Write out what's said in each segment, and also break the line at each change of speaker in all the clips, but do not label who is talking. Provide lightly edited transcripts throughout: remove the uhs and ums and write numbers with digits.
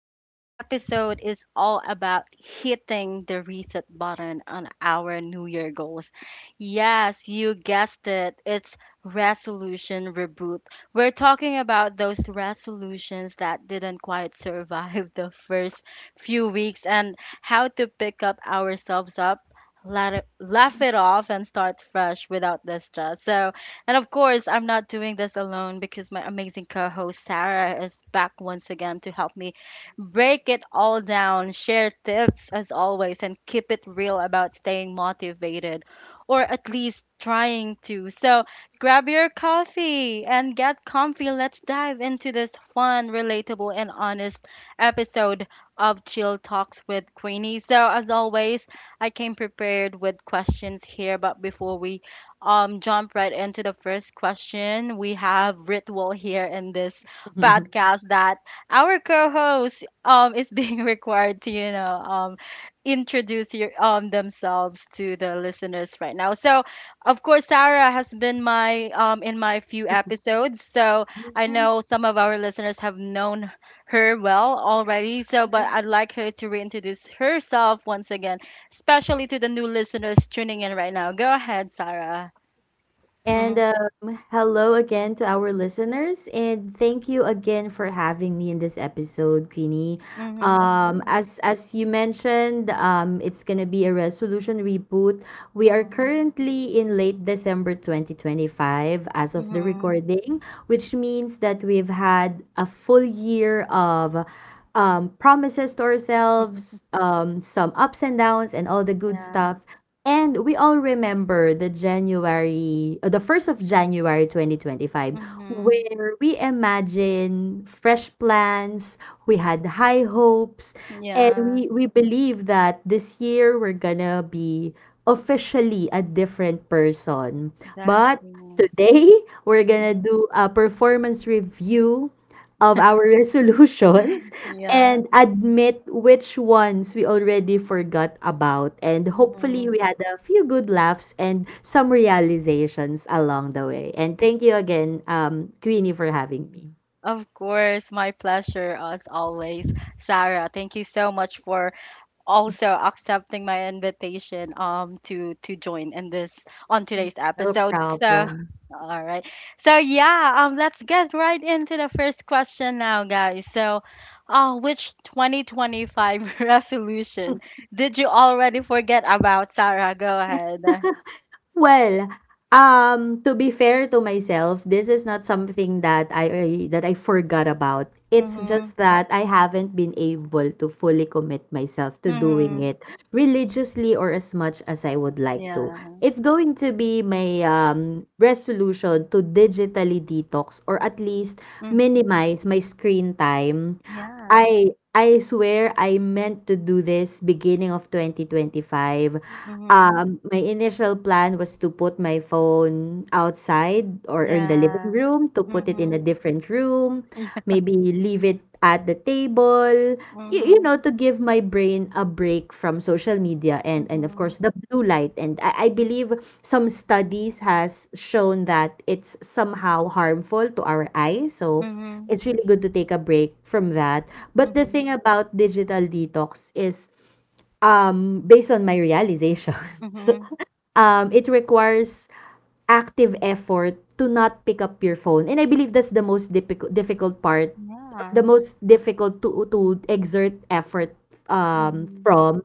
Today's episode is all about hitting the reset button on our New Year goals. Yes, you guessed it, it's resolution reboot. We're talking about those resolutions that didn't quite survive the first few weeks and how to pick up ourselves up. Let it, laugh it off and start fresh without the stress. And of course, I'm not doing this alone because my amazing co host Sarah is back once again to help me break it all down, share tips as always, and keep it real about staying motivated or at least trying to. So grab your coffee and get comfy. Let's dive into this fun, relatable, and honest episode of Chill Talks with Queenie. So, as always, I came prepared with questions here, but before we jump right into the first question. We have ritual here in this
Mhm.
podcast that our co-host is being required to, introduce themselves to the listeners right now. So, of course, Sarah has been my in my few episodes, so I know some of our listeners have known her well already. But I'd like her to reintroduce herself once again especially to the new listeners tuning in right now. Go ahead, Sarah.
And
Mhm,
hello again to our listeners, and thank you again for having me in this episode, Queenie.
mhm, of
Um,
course.
as as you mentioned, it's gonna be a resolution reboot. We are
Mhm,
currently in late December 2025 as of the
mhm.
recording, which means that we've had a full year of promises to ourselves, some ups and downs, and all the good
Yeah,
stuff. And we all remember the 1st of January 2025,
mhm.
where we imagine fresh plans, we had high hopes, and
Yeah,
we believe that this year we're gonna be officially a different person. But
exactly.
today, we're gonna do a performance review of our resolutions
Yeah,
and admit which ones we already forgot about. And hopefully,
mhm.
we had a few good laughs and some realizations along the way. And thank you again, Queenie, for having me.
Of course, my pleasure as always, Sarah. Thank you so much for also accepting my invitation to join in this on today's
No
episode. So
problem.
all right. So yeah, let's get right into the first question now, guys. So which 2025 resolution did you already forget about, Sarah? Go ahead.
Well, to be fair to myself, this is not something that I forgot about. It's
Mhm.
just that I haven't been able to fully commit myself to doing
Mhm.
it religiously or as much as I would like to.
Yeah.
It's going to be my resolution to digitally detox or at least
Mm,
minimize my screen time.
yeah.
I swear I meant to do this beginning of 2025.
Mhm.
My initial plan was to put my phone outside or in the living
Yeah.
room, to put it in a
Mhm.
different room,
Yeah.
maybe leave it at the table,
Mhm.
to give my brain a break from social media and of course
Mhm.
the blue light. And I believe some studies has shown that it's somehow harmful to our eyes. So
Mhm.
it's really good to take a break from that. But the
Mhm.
thing about digital detox is, based on my realizations,
Mhm.
it requires active effort to not pick up your phone. And I believe that's the most difficult part, or
Yeah.
the most difficult to exert effort um
Mhm.
from.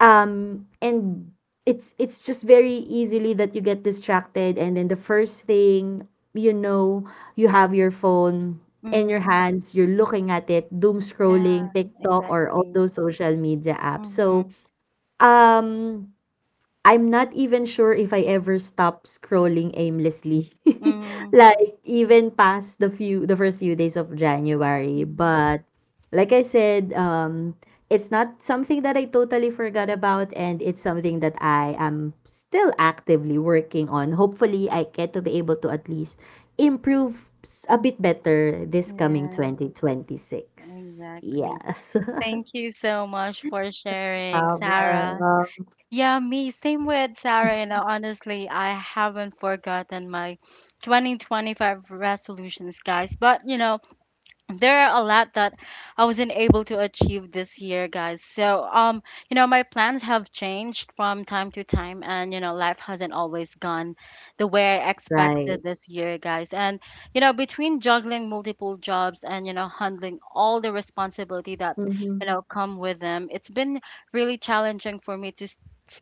And it's just very easily that you get distracted and then the first thing you know, you have your phone in your
Mhm.
hands, you're looking at it, doom scrolling,
Yeah,
TikTok or all
exactly.
those social media apps. So,
Mhm.
um I'm not even sure if I ever stop scrolling aimlessly,
Mhm.
like even past the first few days of January.
Mhm.
But like I said, it's not something that I totally forgot about and it's something that I am still actively working on. Hopefully I get to be able to at least a bit better this coming
Yeah,
2026.
exactly.
Yes.
Thank you so much for sharing, Sarah.
Problem.
Yeah, me, same with Sarah. You know, honestly, I haven't forgotten my 2025 resolutions, guys. But, you know, there are a lot that I wasn't able to achieve this year, guys. So, you know, my plans have changed from time to time, and you know, life hasn't always gone the way I
Right.
expected this year, guys. And you know, between juggling multiple jobs and you know, handling all the responsibility that you know come with them, it's been really challenging for me to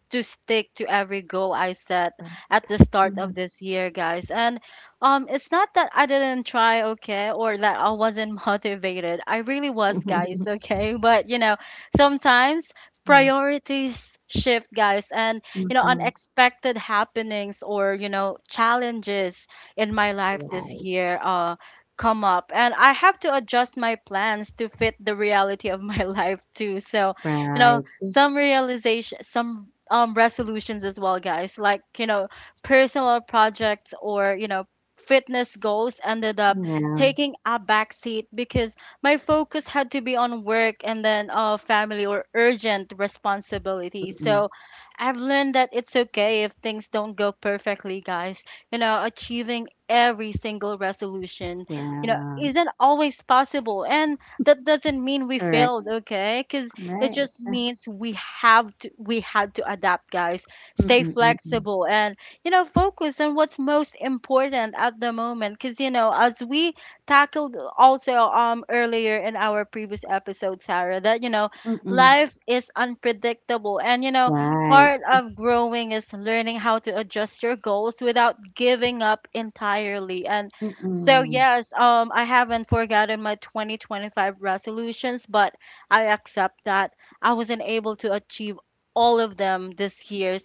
to stick to every goal I set at the start of
Mhm.
this year, guys. And it's not that I didn't try, okay, or that I wasn't motivated. I really was, guys, okay? But, you know, sometimes
Yeah.
priorities shift, guys, and, you know,
Mhm.
unexpected happenings or, you know, challenges in my life
Yeah,
this year, come up and I have to adjust my plans to fit the reality of my life too. So, you know,
right.
some realization, some resolutions as well, guys, like, you know, personal projects or you know fitness goals ended up
Yeah.
taking a backseat because my focus had to be on work and then family or urgent responsibilities.
Mm.
So I've learned that it's okay if things don't go perfectly, guys. You know, achieving every single resolution, you know,
Yeah,
isn't always possible. And that doesn't mean we
correct.
failed, okay? Because it
Right.
just
Ah,
means we had to adapt, guys.
mm,
Stay
mm, mm.
flexible and you know, focus on what's most important at the moment. Because, you know, as we tackled also earlier in our previous episode, Sarah, that, you know,
Mm.
life is unpredictable. And, you know,
Right.
part of growing is learning how to adjust your goals without giving up entirely. And so,
Mm.
yes, I haven't forgotten my 2025 resolutions, but I accept that I wasn't able to achieve all of them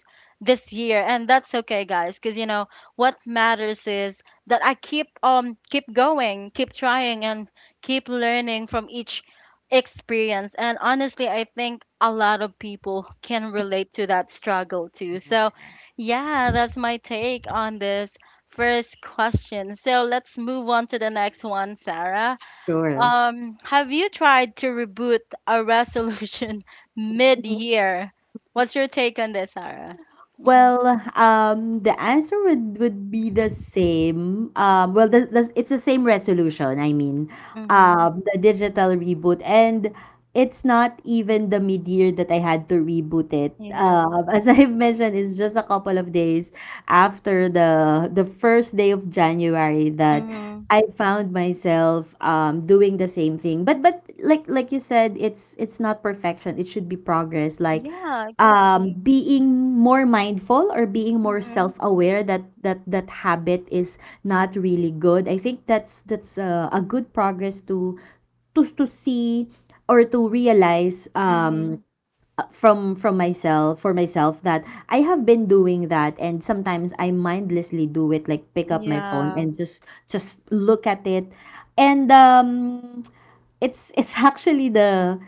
this year, and that's okay, guys, because you know what matters is that I keep keep going, keep trying, and keep learning from each experience. And honestly, I think a lot of people can relate to that struggle too. So yeah, that's my take on this first question. So let's move on to the next one, Sarah.
Sure.
Um, have you tried to reboot a resolution mid-year? What's your take on this, Sarah? Mm-hmm.
Well, the answer would be the same. It's the same resolution.
Mhm.
The digital reboot, and it's not even the mid-year that I had to reboot it.
Yeah.
As I've mentioned, it's just a couple of days after the first day of January that
Mhm.
I found myself doing the same thing. But like you said, it's not perfection. It should be progress. Like
Yeah, exactly.
being more mindful or being more
Mhm.
self-aware that that habit is not really good. I think that's a good progress to see or to realize um
Mhm.
uh, from myself, for myself, that I have been doing that and sometimes I mindlessly do it, like pick up my phone
Yeah.
and just look at it. And it's actually the—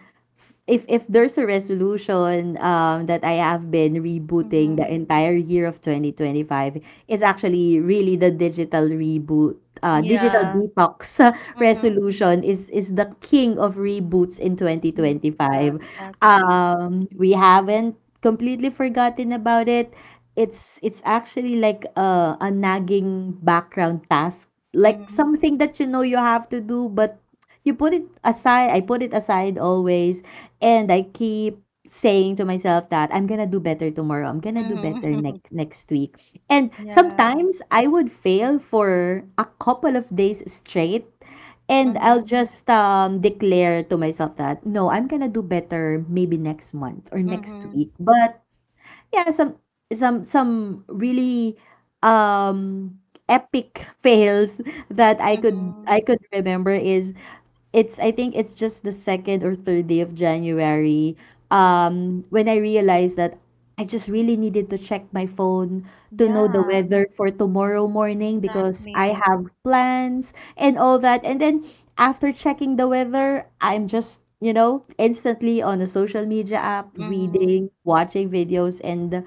if there's a resolution that I have been rebooting the
Mhm.
entire year of 2025, it's actually really the digital reboot, digital
Yeah.
detox
Mhm.
resolution. Is the king of reboots in
Yeah,
2025.
exactly.
We haven't completely forgotten about it. It's actually like a nagging background task, like
Mhm.
something that you know you have to do, but you put it aside I put it aside always. And I keep saying to myself that I'm gonna do better tomorrow, I'm gonna do
Mhm.
better next week. And
Yeah.
sometimes I would fail for a couple of days straight, and I'll
Mhm.
just declare to myself that no, I'm gonna do better maybe next month or next
Mhm.
week. But yeah, some some really um epic fails that I
Mhm.
could remember is— it's, I think it's just the second or third day of January. When I realized that I just really needed to check my phone to know the
Yeah,
weather for tomorrow morning because I
exactly.
have plans and all that. And then after checking the weather, I'm just, instantly on a social media app,
Mhm.
reading, watching videos. And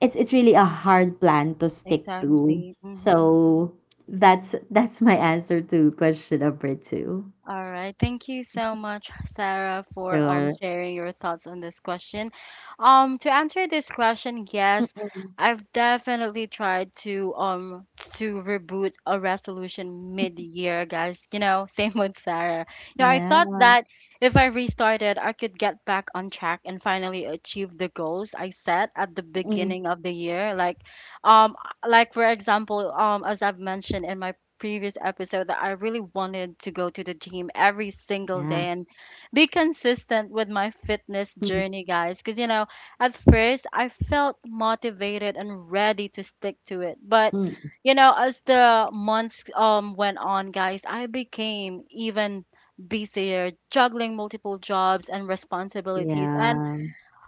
it's really a hard plan to stick to.
Exactly. Mhm.
So that's my answer to question number two.
All right. Thank you so much, Sarah, for
Sure.
sharing your thoughts on this question. To answer this question, yes,
Mm.
I've definitely tried to reboot a resolution mid-year, guys. You know, same with Sarah. You know, I
Yeah.
thought that if I restarted, I could get back on track and finally achieve the goals I set at the
Mm.
beginning of the year. Um, like for example, as I've mentioned in my previous episode that I really wanted to go to the gym every single
Yeah.
day and be consistent with my fitness
Mhm.
journey, guys. Because, you know, at first I felt motivated and ready to stick to it. But,
Mm.
you know, as the months went on, guys, I became even busier, juggling multiple jobs and responsibilities. And
Yeah.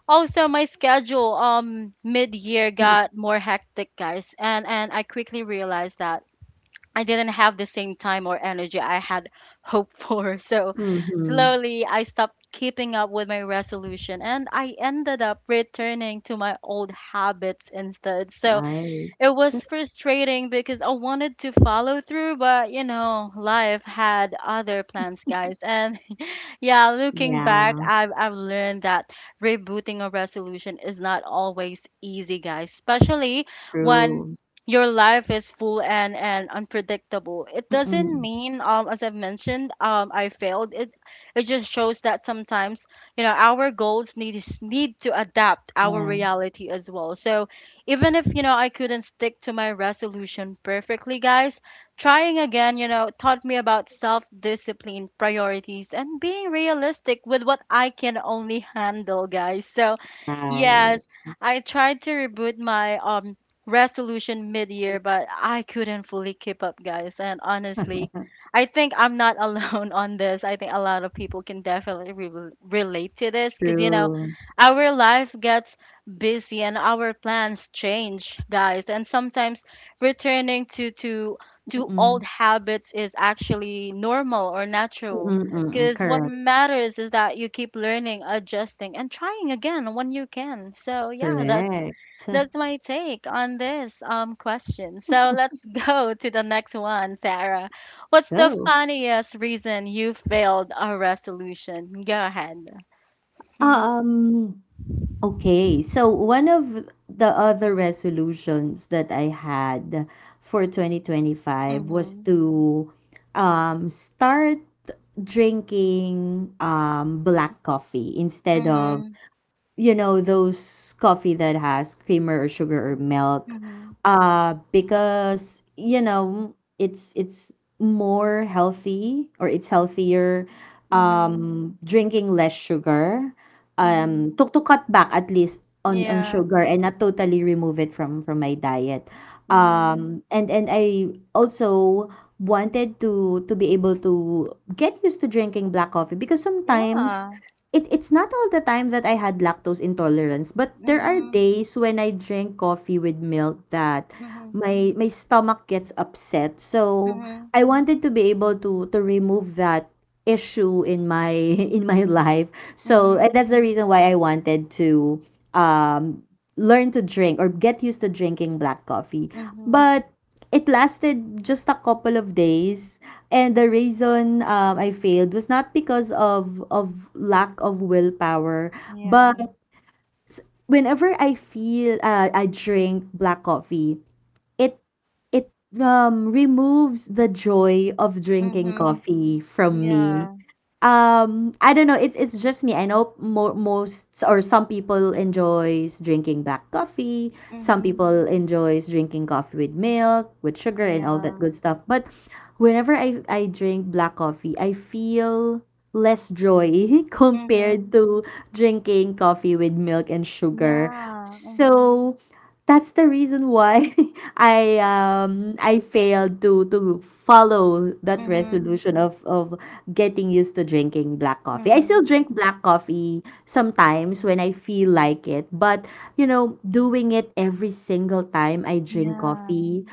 also my schedule mid year
Mm.
got more hectic, guys, and I quickly realized that I didn't have the same time or energy I had hoped for. So
Mhm.
slowly I stopped keeping up with my resolution and I ended up returning to my old habits instead. So
Right.
it was frustrating because I wanted to follow through, but you know, life had other plans, guys. And yeah, looking back,
Yeah.
I've learned that rebooting a resolution is not always easy, guys, especially when
True.
your life is full and unpredictable. It doesn't
Mm-mm.
mean as I've mentioned, I failed. It just shows that sometimes, you know, our goals need to adapt our
Yeah.
reality as well. So even if you know I couldn't stick to my resolution perfectly, guys, trying again, you know, taught me about self-discipline, priorities, and being realistic with what I can only handle, guys. So,
Right.
yes, I tried to reboot my resolution mid-year, but I couldn't fully keep up, guys. And honestly, I think I'm not alone on this. I think a lot of people can definitely re relate to this because you know,
True.
our life gets busy and our plans change, guys. And sometimes returning to to old
Mm-mm.
habits is actually normal or natural.
Mm-mm. Mm-mm.
Because what
Correct.
matters is that you keep learning, adjusting, and trying again when you can. So yeah,
Correct.
that's my take on this question. So let's go to the next one, Sarah. What's the
Go.
funniest reason you failed a resolution? Go ahead. Mhm.
Um. Okay. So one of the other resolutions that I had for 2025 was
Mhm.
to start drinking, black coffee instead of
Mhm.
you know those coffee that has creamer or sugar or milk, because you know it's more healthy, or it's healthier,
Mhm. Mhm.
drinking less sugar,
Mhm.
to cut back at least on
Yeah.
sugar and not totally remove it from my diet.
Mhm.
And I also wanted to be able to get used to drinking black coffee, because sometimes—
Yeah.
it's not all the time that I had lactose intolerance, but there are
Mhm.
days when I drink coffee with milk that
Mhm.
my stomach gets upset. So
Mhm.
I wanted to be able to remove that issue in my in my life. So, and
Mhm.
that's the reason why I wanted to um learn to drink or get used to drinking black coffee.
Mhm.
But it lasted just a couple of days. And the reason I failed was not because of, lack of willpower,
Yeah.
but whenever I feel I drink black coffee, it it removes the joy of drinking
Mhm.
coffee from me.
Yeah.
I don't know. It's just me. I know most or some people enjoys drinking black coffee. Some
Mhm.
people enjoys drinking coffee with milk, with sugar, and all
Yeah.
that good stuff. But whenever I drink black coffee, I feel less joy
Mhm.
compared to drinking coffee with milk and sugar.
Yeah. Mhm.
So that's the reason why I failed to follow that
Mhm.
resolution of getting used to drinking black coffee. I still
Mhm.
drink black coffee sometimes when I feel like it, but you know, doing it every single time I drink
Yeah.
coffee,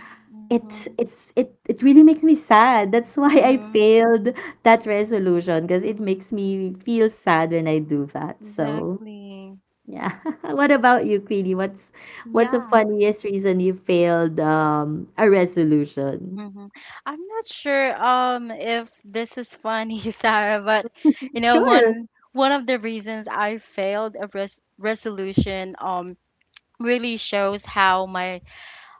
it's
Mhm.
it's it it really makes me sad. That's why I
Mhm.
failed that resolution, because it makes me feel sad when I do that. So,
Exactly.
yeah. What about you, Queenie? What's the
Yeah.
funniest reason you failed a resolution?
Mhm. I'm not sure if this is funny, Sarah, but you know
Sure.
one of the reasons I failed a resolution really shows how my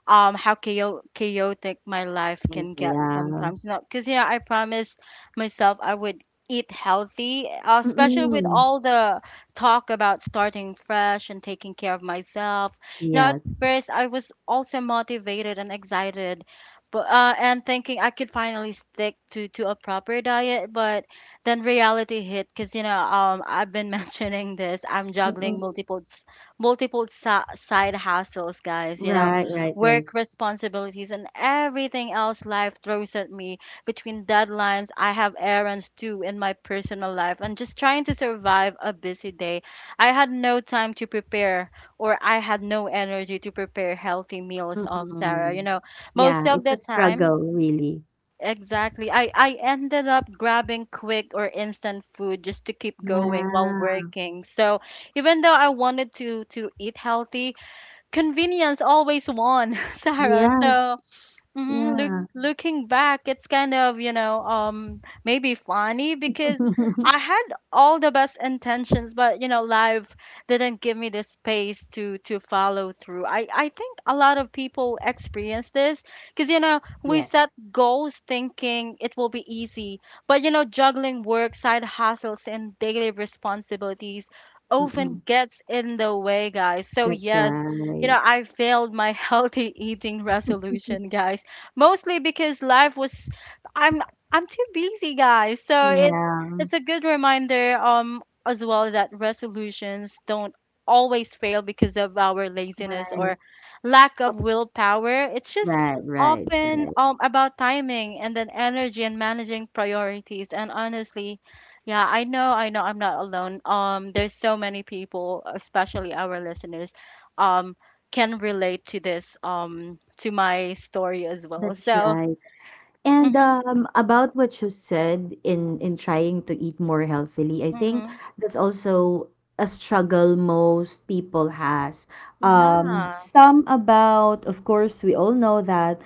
how chaotic my life can get
Yeah.
sometimes. You know, because yeah, I promised myself I would eat healthy, especially with
Mm-mm.
all the talk about starting fresh and taking care of myself. You know, at
Yes.
first I was also motivated and excited, but and thinking I could finally stick to a proper diet. But then reality hit, because you know I've been mentioning this, I'm
Mm-mm.
juggling side hustles, guys, you know,
Right, right, right.
work responsibilities, and everything else life throws at me. Between deadlines, I have errands too in my personal life, and just trying to survive a busy day. I had no time to prepare, or I had no energy to prepare healthy meals, Sarah. You
Mm-mm.
know, most
Yeah,
of
it's
the
a
time,
struggle, really.
exactly. I ended up grabbing quick or instant food just to keep going while
Yeah.
working. So even though I wanted to eat healthy, convenience always won, Sarah.
Yes,
So, mm-hmm.
yeah.
Looking back, it's kind of, you know, maybe funny because I had all the best intentions, but you know, life didn't give me the space to follow through. I think a lot of people experience this because you know we
Yes.
set goals thinking it will be easy, but you know, juggling work, side hustles, and daily responsibilities often
Mm-mm.
gets in the way, guys. So
That's
yes, you
right.
know, I failed my healthy eating resolution, guys, mostly because life was I'm I'm too busy, guys. So
Yeah.
it's a good reminder as well that resolutions don't always fail because of our laziness
Right.
or lack of willpower. It's just
Right, right,
often
right.
about timing and then energy and managing priorities. And honestly, yeah, I know I'm not alone, um, there's so many people, especially our listeners, um can relate to this to my story as well.
That's
So,
right. And
mhm,
about what you said in trying to eat more healthily, I think
mhm,
that's also a struggle most people has.
yeah,
Of course, we all know that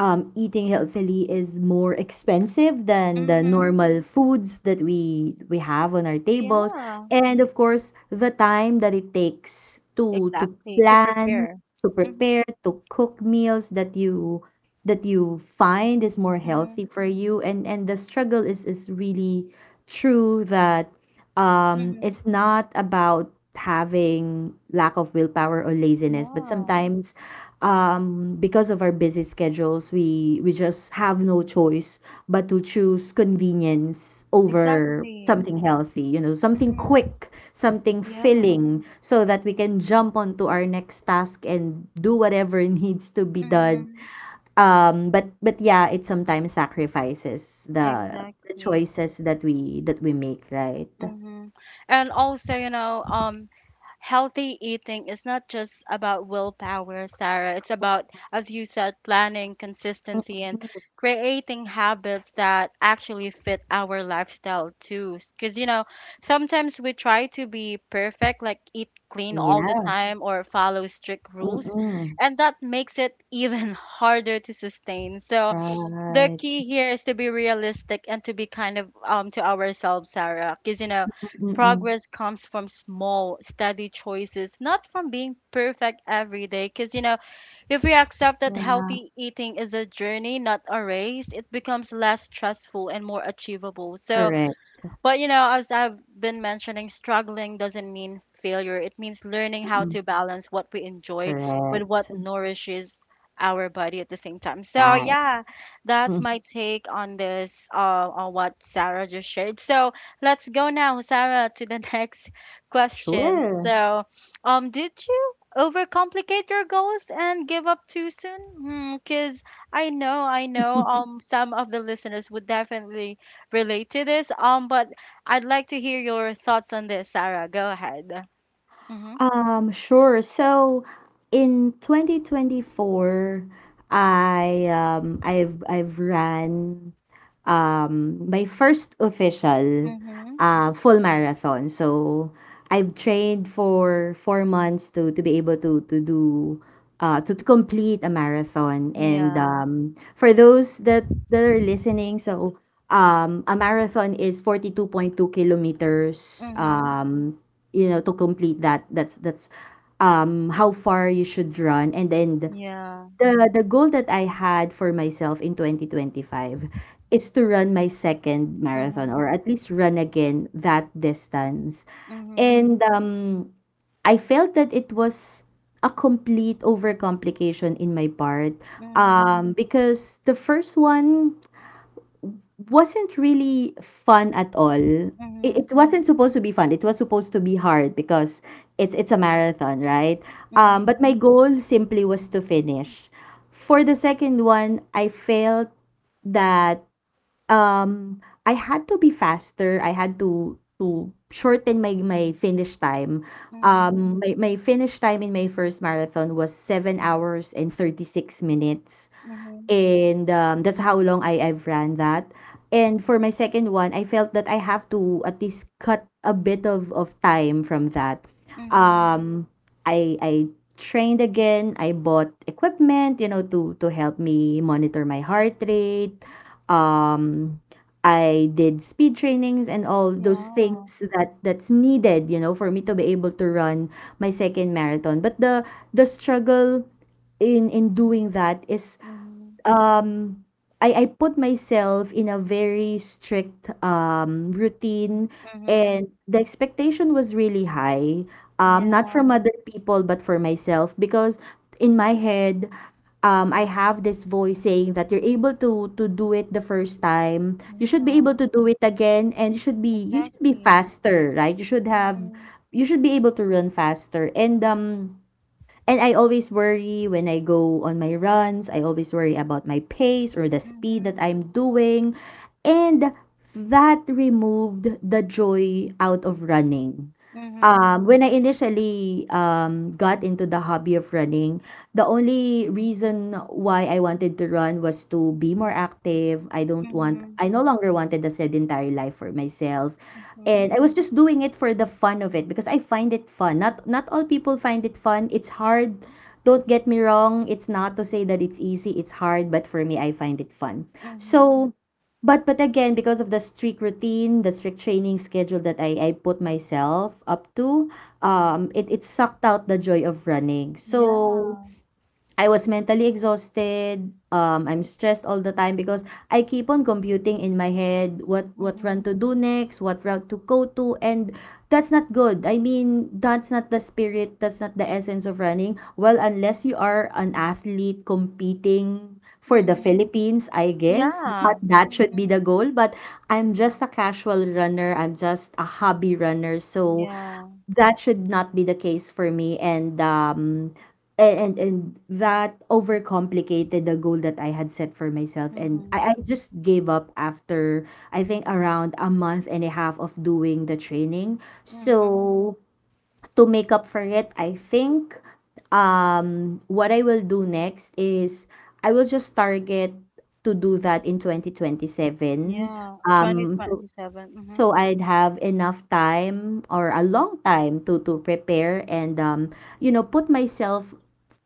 eating healthily is more expensive than the
mhm,
normal foods that we have on our tables,
yeah,
and of course, the time that it takes to
exactly to
plan,
prepare.
to
Mhm,
prepare, to cook meals that you find is more
mhm,
healthy for you. And the struggle is really true that
mhm,
it's not about having lack of willpower or laziness, but
yeah,
sometimes because of our busy schedules, we just have no choice but to choose convenience over
exactly.
something healthy, you know, something
Mhm,
quick, something
yeah,
filling, so that we can jump onto our next task and do whatever needs to be done.
mhm,
But yeah, it sometimes sacrifices the
exactly.
choices that we make, right?
Mhm, and also, healthy eating is not just about willpower, Sarah. It's about, as you said, planning, consistency, and
Mm,
creating habits that actually fit our lifestyle too. Because, sometimes we try to be perfect, like eat clean all the
yeah,
time or follow strict
mm.
rules,
Mm.
and that makes it even harder to sustain. So, the
Right.
key here is to be realistic and to be kind of to ourselves, Sarah, because
Mm,
progress comes from small, steady choices, not from being perfect every day. Because if we accept that
yeah,
healthy eating is a journey, not a race, it becomes less stressful and more achievable. So,
correct,
but as I've been mentioning, struggling doesn't mean failure. It means learning how
mm,
to balance what we enjoy with
correct,
what nourishes our body at the same time. So
right.
yeah, that's
Mm,
my take on this, on what Sarah just shared. So let's go now, Sarah, to the next question.
sure.
So, did you overcomplicate your goals and give up too soon? Because I know, some of the listeners would definitely relate to this. But I'd like to hear your thoughts on this, Sarah. Go ahead. Mm-hmm.
Sure. So in 2024, I I've ran my first official
Mm-hmm.
full marathon. So I've trained for 4 months to be able to complete a marathon. And
Yeah.
for those that, are listening, so a marathon is 42.2 kilometers.
Mm-hmm.
You know, to complete that, that's how far you should run. And then
Yeah.
the goal that I had for myself in 2025 is to run my second marathon, or
Mm-hmm.
at least run again that distance.
Mm-hmm.
And I felt that it was a complete overcomplication in my part,
Mm-hmm.
because the first one wasn't really fun at all.
Mm-hmm.
It wasn't supposed to be fun. It was supposed to be hard because it's a marathon, right? But my
Mm-hmm.
goal simply was to finish. For the second one, I felt that I had to be faster. I had to shorten my finish time.
Mm-hmm.
My finish time in my first marathon was 7 hours and 36 minutes.
Mm-hmm.
And, that's how long I've ran that. And for my second one, I felt that I have to at least cut a bit of time from that.
Mm-hmm.
Um, I trained again. I bought equipment, to help me monitor my heart rate. Um, I did speed trainings and all those
Yeah.
things that's needed, for me to be able to run my second marathon. But the struggle in doing that is
Mm-hmm.
um I put myself in a very strict routine,
Mm-hmm.
and the expectation was really high, not
Yeah.
from other people but for myself, because in my head, I have this voice saying that you're able to do it the first time, you should be able
Yeah.
to do it again, and you should be
Exactly.
faster, right?
Mm-hmm.
You should be able to run faster. And And I always worry when I go on my runs. I always worry about my pace or the speed that
Mm-hmm.
I'm doing. And that removed the joy out of running.
Mm-hmm.
When I initially got into the hobby of running, the only reason why I wanted to run was to be more active.
Mm-hmm.
I no longer wanted a sedentary life for myself.
Mm-hmm.
And I was just doing it for the fun of it because I find it fun. Not all people find it fun. It's hard. Don't get me wrong. It's not to say that it's easy. It's hard, but for me, I find it fun.
Mm-hmm.
So. But again, because of the strict routine, the strict training schedule that I put myself up to, it sucked out the joy of running. So
Yeah.
I was mentally exhausted. I'm stressed all the time, because I keep on computing in my head what
Mm-hmm.
run to do next, what route to go to, and that's not good. I mean, that's not the spirit. That's not the essence of running. Well, unless you are an athlete competing for the
Mm-hmm.
Philippines, I guess
Yeah.
that that should
Mm-hmm.
be the goal. But I'm just a casual runner. I'm just a hobby runner. So
Yeah.
that should not be the case for me, and that overcomplicated the goal that I had set for myself, and
Mm-hmm.
I just gave up after, I think, around a month and a half of doing the training.
Mhm.
So to make up for it, I think what I will do next is I will just target to do that in 2027.
Yeah,
Um so
2027. Mhm.
So I'd have enough time, or a long time, to prepare, and put myself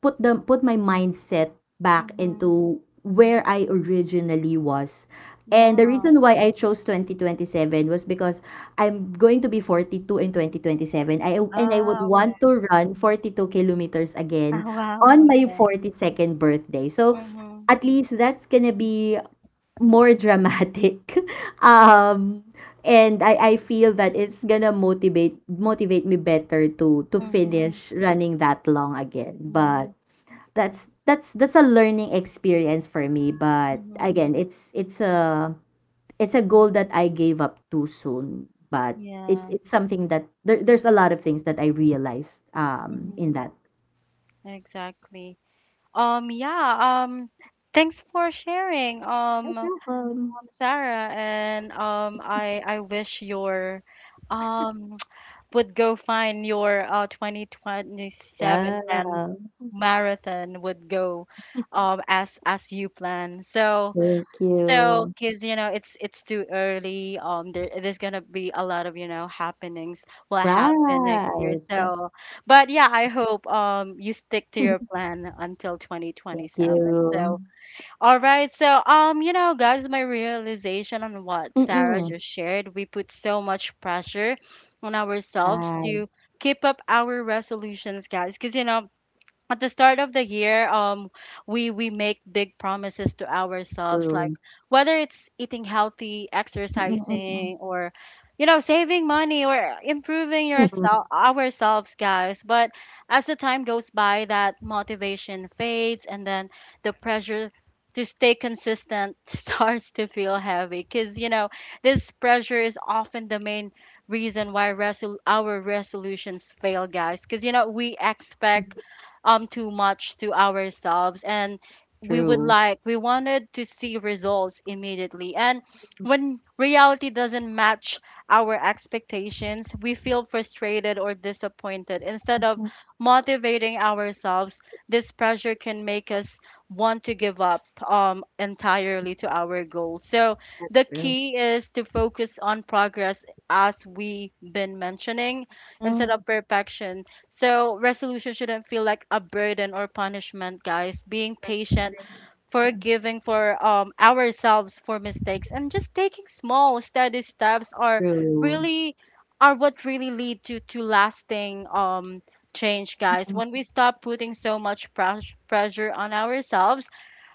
put the put my mindset back
Mhm.
into where I originally was. And the
Yeah.
reason why I chose 2027 was because I'm going to be 42 in 2027, I and I would
Ah, okay.
want to run 42 kilometers
Ah,
again
wow.
on my
Okay.
42nd birthday. So
Mhm.
at least that's gonna be more dramatic. um and I feel that it's gonna motivate me better to
Mhm.
finish running that long again. But
Mhm.
that's a learning experience for me. But
Mhm.
again, it's a goal that I gave up too soon. But it's
Yeah.
it's something that there's a lot of things that I realized
Mhm.
in that.
Exactly. Yeah, um, thanks for sharing,
No problem.
Sarah, and I wish your um would go find your 2027
Yeah.
plan marathon would go as you plan, so
Thank
so
you.
because it's too early there, there's gonna be a lot of happenings will happen next year
Right.
so but yeah I hope you stick to your plan until
Thank
2027
you.
so all right. So, guys, my realization on what Sarah
Mm,
just shared, we put so much pressure on ourselves
right,
to keep up our resolutions, guys, because, at the start of the year we make big promises to ourselves, like
true.
whether it's eating healthy,
Mm, mm,
exercising, or saving money or improving
mm,
yourself ourselves, guys, but as the time goes by, that motivation fades, and then the pressure to stay consistent starts to feel heavy because this pressure is often the main reason why our resolutions fail, guys, because we expect
mm.
too much to ourselves, and we would
True.
like we wanted to see results immediately, and when reality doesn't match our expectations we feel frustrated or disappointed instead of
Mm,
motivating ourselves. This pressure can make us want to give up entirely to our goals. So
that's
the
true.
key is to focus on progress, as we been mentioning, instead
Mm,
of perfection. So, resolution shouldn't feel like a burden or punishment, guys. Being patient,
agree. So
forgiving for ourselves for mistakes, and just taking small, steady steps are
true.
really are what really lead to lasting change, guys.
Mm,
When we stop putting so much pressure on ourselves,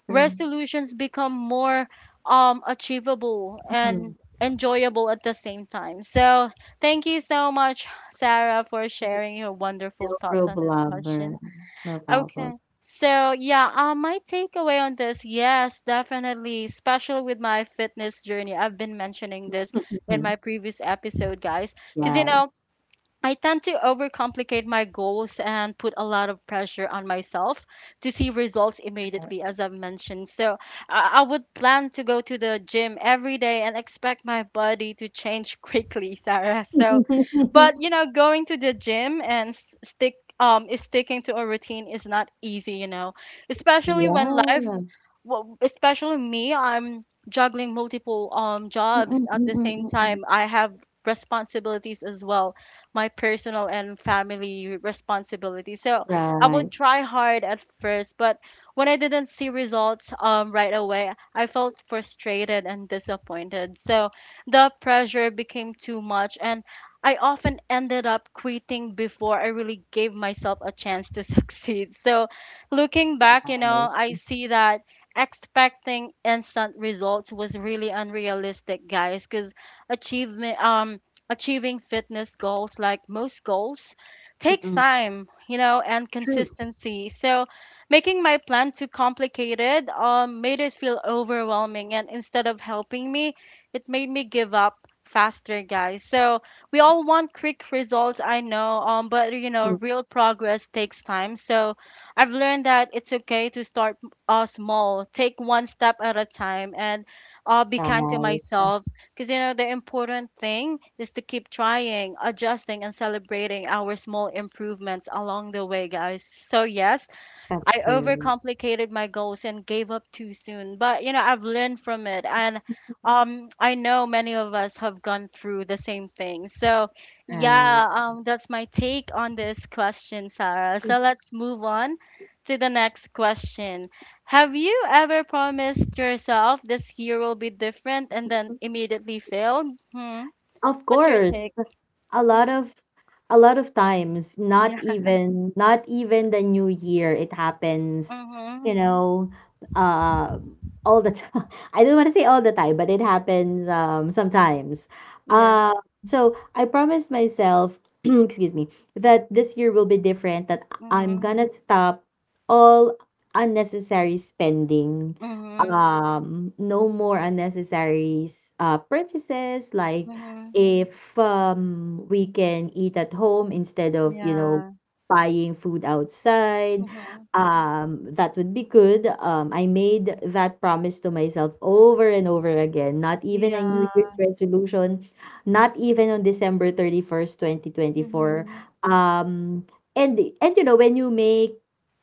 true.
resolutions become more achievable and
Mm.
enjoyable at the same time. So, thank you so much, Sarah, for sharing your wonderful
No
thoughts on this
problem. Or
question.
no
Okay.
problem.
So, yeah, my takeaway on this, yes, definitely, especially with my fitness journey. I've been mentioning this in
Mhm.
my previous episode, guys, because
Yes.
I tend to overcomplicate my goals and put a lot of pressure on myself to see results
Right.
immediately, as I've mentioned. So I would plan to go to the gym every day and expect my body to change quickly, Sarah. So, but going to the gym and sticking to a routine is not easy, especially when life,
Yeah.
well, especially me, I'm juggling multiple
Mm, mm,
jobs at
mm,
the
mm,
same
mm, mm.
time. I have responsibilities as well, my personal and family responsibilities. So I would
Right.
try hard at first, but when I didn't see results right away, I felt frustrated and disappointed. So the pressure became too much, and I often ended up quitting before I really gave myself a chance to succeed. So looking back,
Right.
I see that expecting instant results was really unrealistic, guys, because achievement achieving fitness goals, like most goals, takes
Mm-mm.
time, and
True.
consistency. So, making my plan too complicated made it feel overwhelming. And instead of helping me, it made me give up faster, guys. So, we all want quick results, I know, but,
Mm,
real progress takes time. So, I've learned that it's okay to start small, take one step at a time, and be kind to
right.
myself because, the important thing is to keep trying, adjusting, and celebrating our small improvements along the way, guys. So, yes,
That's
I
true.
overcomplicated my goals and gave up too soon. But I've learned from it, and I know many of us have gone through the same thing. So,
And
yeah, that's my take on this question, Sarah. So, let's move on to the next question. Have you ever promised yourself this year will be different and then immediately failed? Hmm.
of
What's your
course.
take?
a lot
Mhm.
of a lot of times, not
Yeah.
even not even the new year, it happens, you
Mhm.
know uh all the time. I don't want to say all the time, but it happens, sometimes.
Yeah.
uh so I promised myself, excuse me, that this year will be different, that I'm
Mhm.
gonna stop all unnecessary spending.
Mhm.
No more unnecessary purchases, like,
Mhm.
if we can eat at home instead of,
Yeah.
buying food outside,
Mhm.
that would be good. I made that promise to myself over and over again, not even a
Yeah.
New Year's resolution, not even on December 31st, 2024.
Mhm.
Um and and you know when you make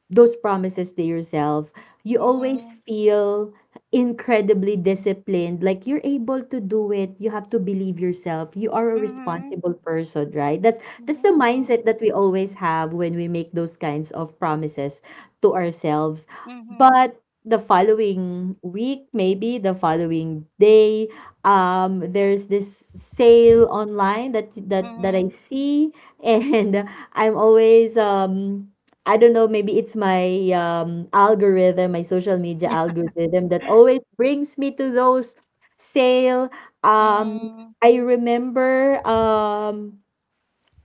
those promises to yourself, you always
Mhm.
feel incredibly disciplined. Like, you're able to do it. You have to believe yourself. You are a
Mhm.
responsible person, right? That's the
Wow.
mindset that we always have when we make those kinds of promises to ourselves.
Mhm.
But the following week, maybe the following day, there's this sale online that I
Mhm.
see, and I'm always I don't know, maybe it's my algorithm, my social media algorithm that always brings me to those sale. Um, I remember,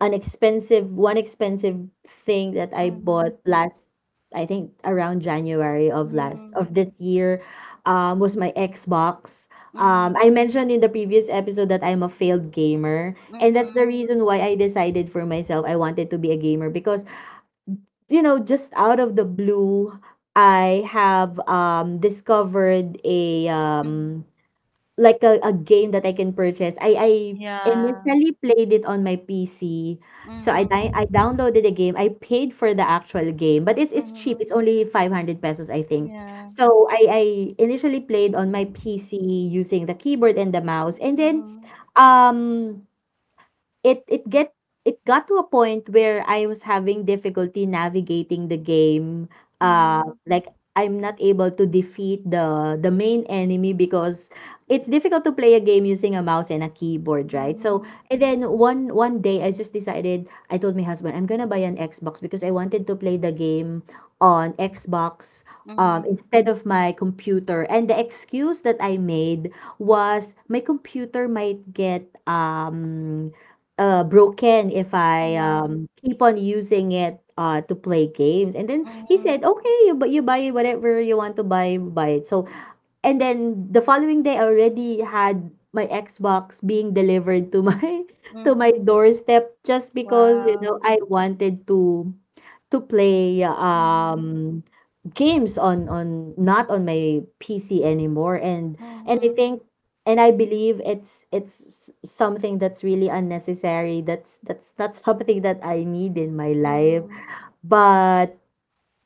an expensive one expensive thing that I bought last, I think around January of this year, was my Xbox. I mentioned in the previous episode that I'm a failed gamer, and that's the reason why I decided for myself I wanted to be a gamer because, just out of the blue, I have discovered a like a game that I can purchase. I
Yeah.
initially played it on my PC. So I
Mhm.
downloaded the game. I paid for the actual game, but it's
Mhm. Mhm. Mhm. Mhm.
it's
Mhm. Yeah.
cheap. It's
Mhm. Mhm.
only 500 pesos, I think.
Yeah.
So I initially played on my PC using the keyboard and the mouse. And then
Mhm.
um it it get it got to a point where I was having difficulty navigating the game.
Mhm.
Like, I'm not able to defeat the main enemy, because it's difficult to play a game using a mouse and a keyboard, right? So,
Mhm.
and then one day, I just decided, I told my husband, I'm gonna buy an Xbox because I wanted to play the game on Xbox.
Mhm.
Instead of my computer. And the excuse that I made was my computer might get, broken, if I,
Yeah.
keep on using it, to play games. And then he
Mhm.
said, okay, you buy whatever you want to buy, buy it. So, and then the following day, I already had my Xbox being delivered to my to my
Mhm.
doorstep, just because,
Wow.
I wanted to play
Mhm.
games on not on my PC anymore. and and I
Mhm.
think and I believe it's something that's really unnecessary, that's not something that I need in my life.
Mhm.
But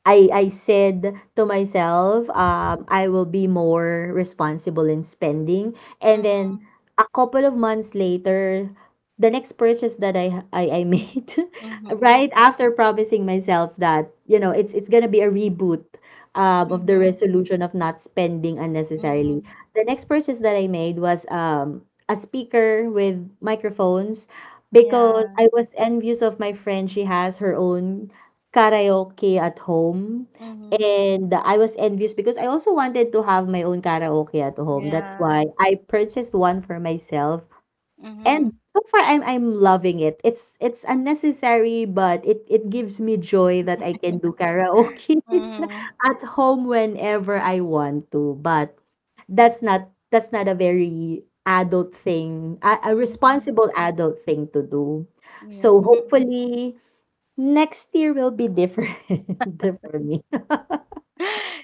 I said to myself, I will be more responsible in spending. And then
Mhm.
a couple of months later, the next purchase that I made,
Mhm.
right after promising myself that, it's gonna be a reboot. Of the
Mhm.
resolution of not spending unnecessarily.
Mhm.
The next purchase that I made was, a speaker with microphones, because
Yeah.
I was envious of my friend. She has her own karaoke at home,
Mhm.
and I was envious because I also wanted to have my own karaoke at home. That's why
Yeah.
I purchased one for myself, and
Mhm,
so far I'm loving it. It's unnecessary, but it gives me joy that I can do karaoke
mhm,
at home whenever I want to. But that's not a very adult thing, a
mhm.
responsible adult thing to do.
Yeah.
So hopefully next year will be different for me.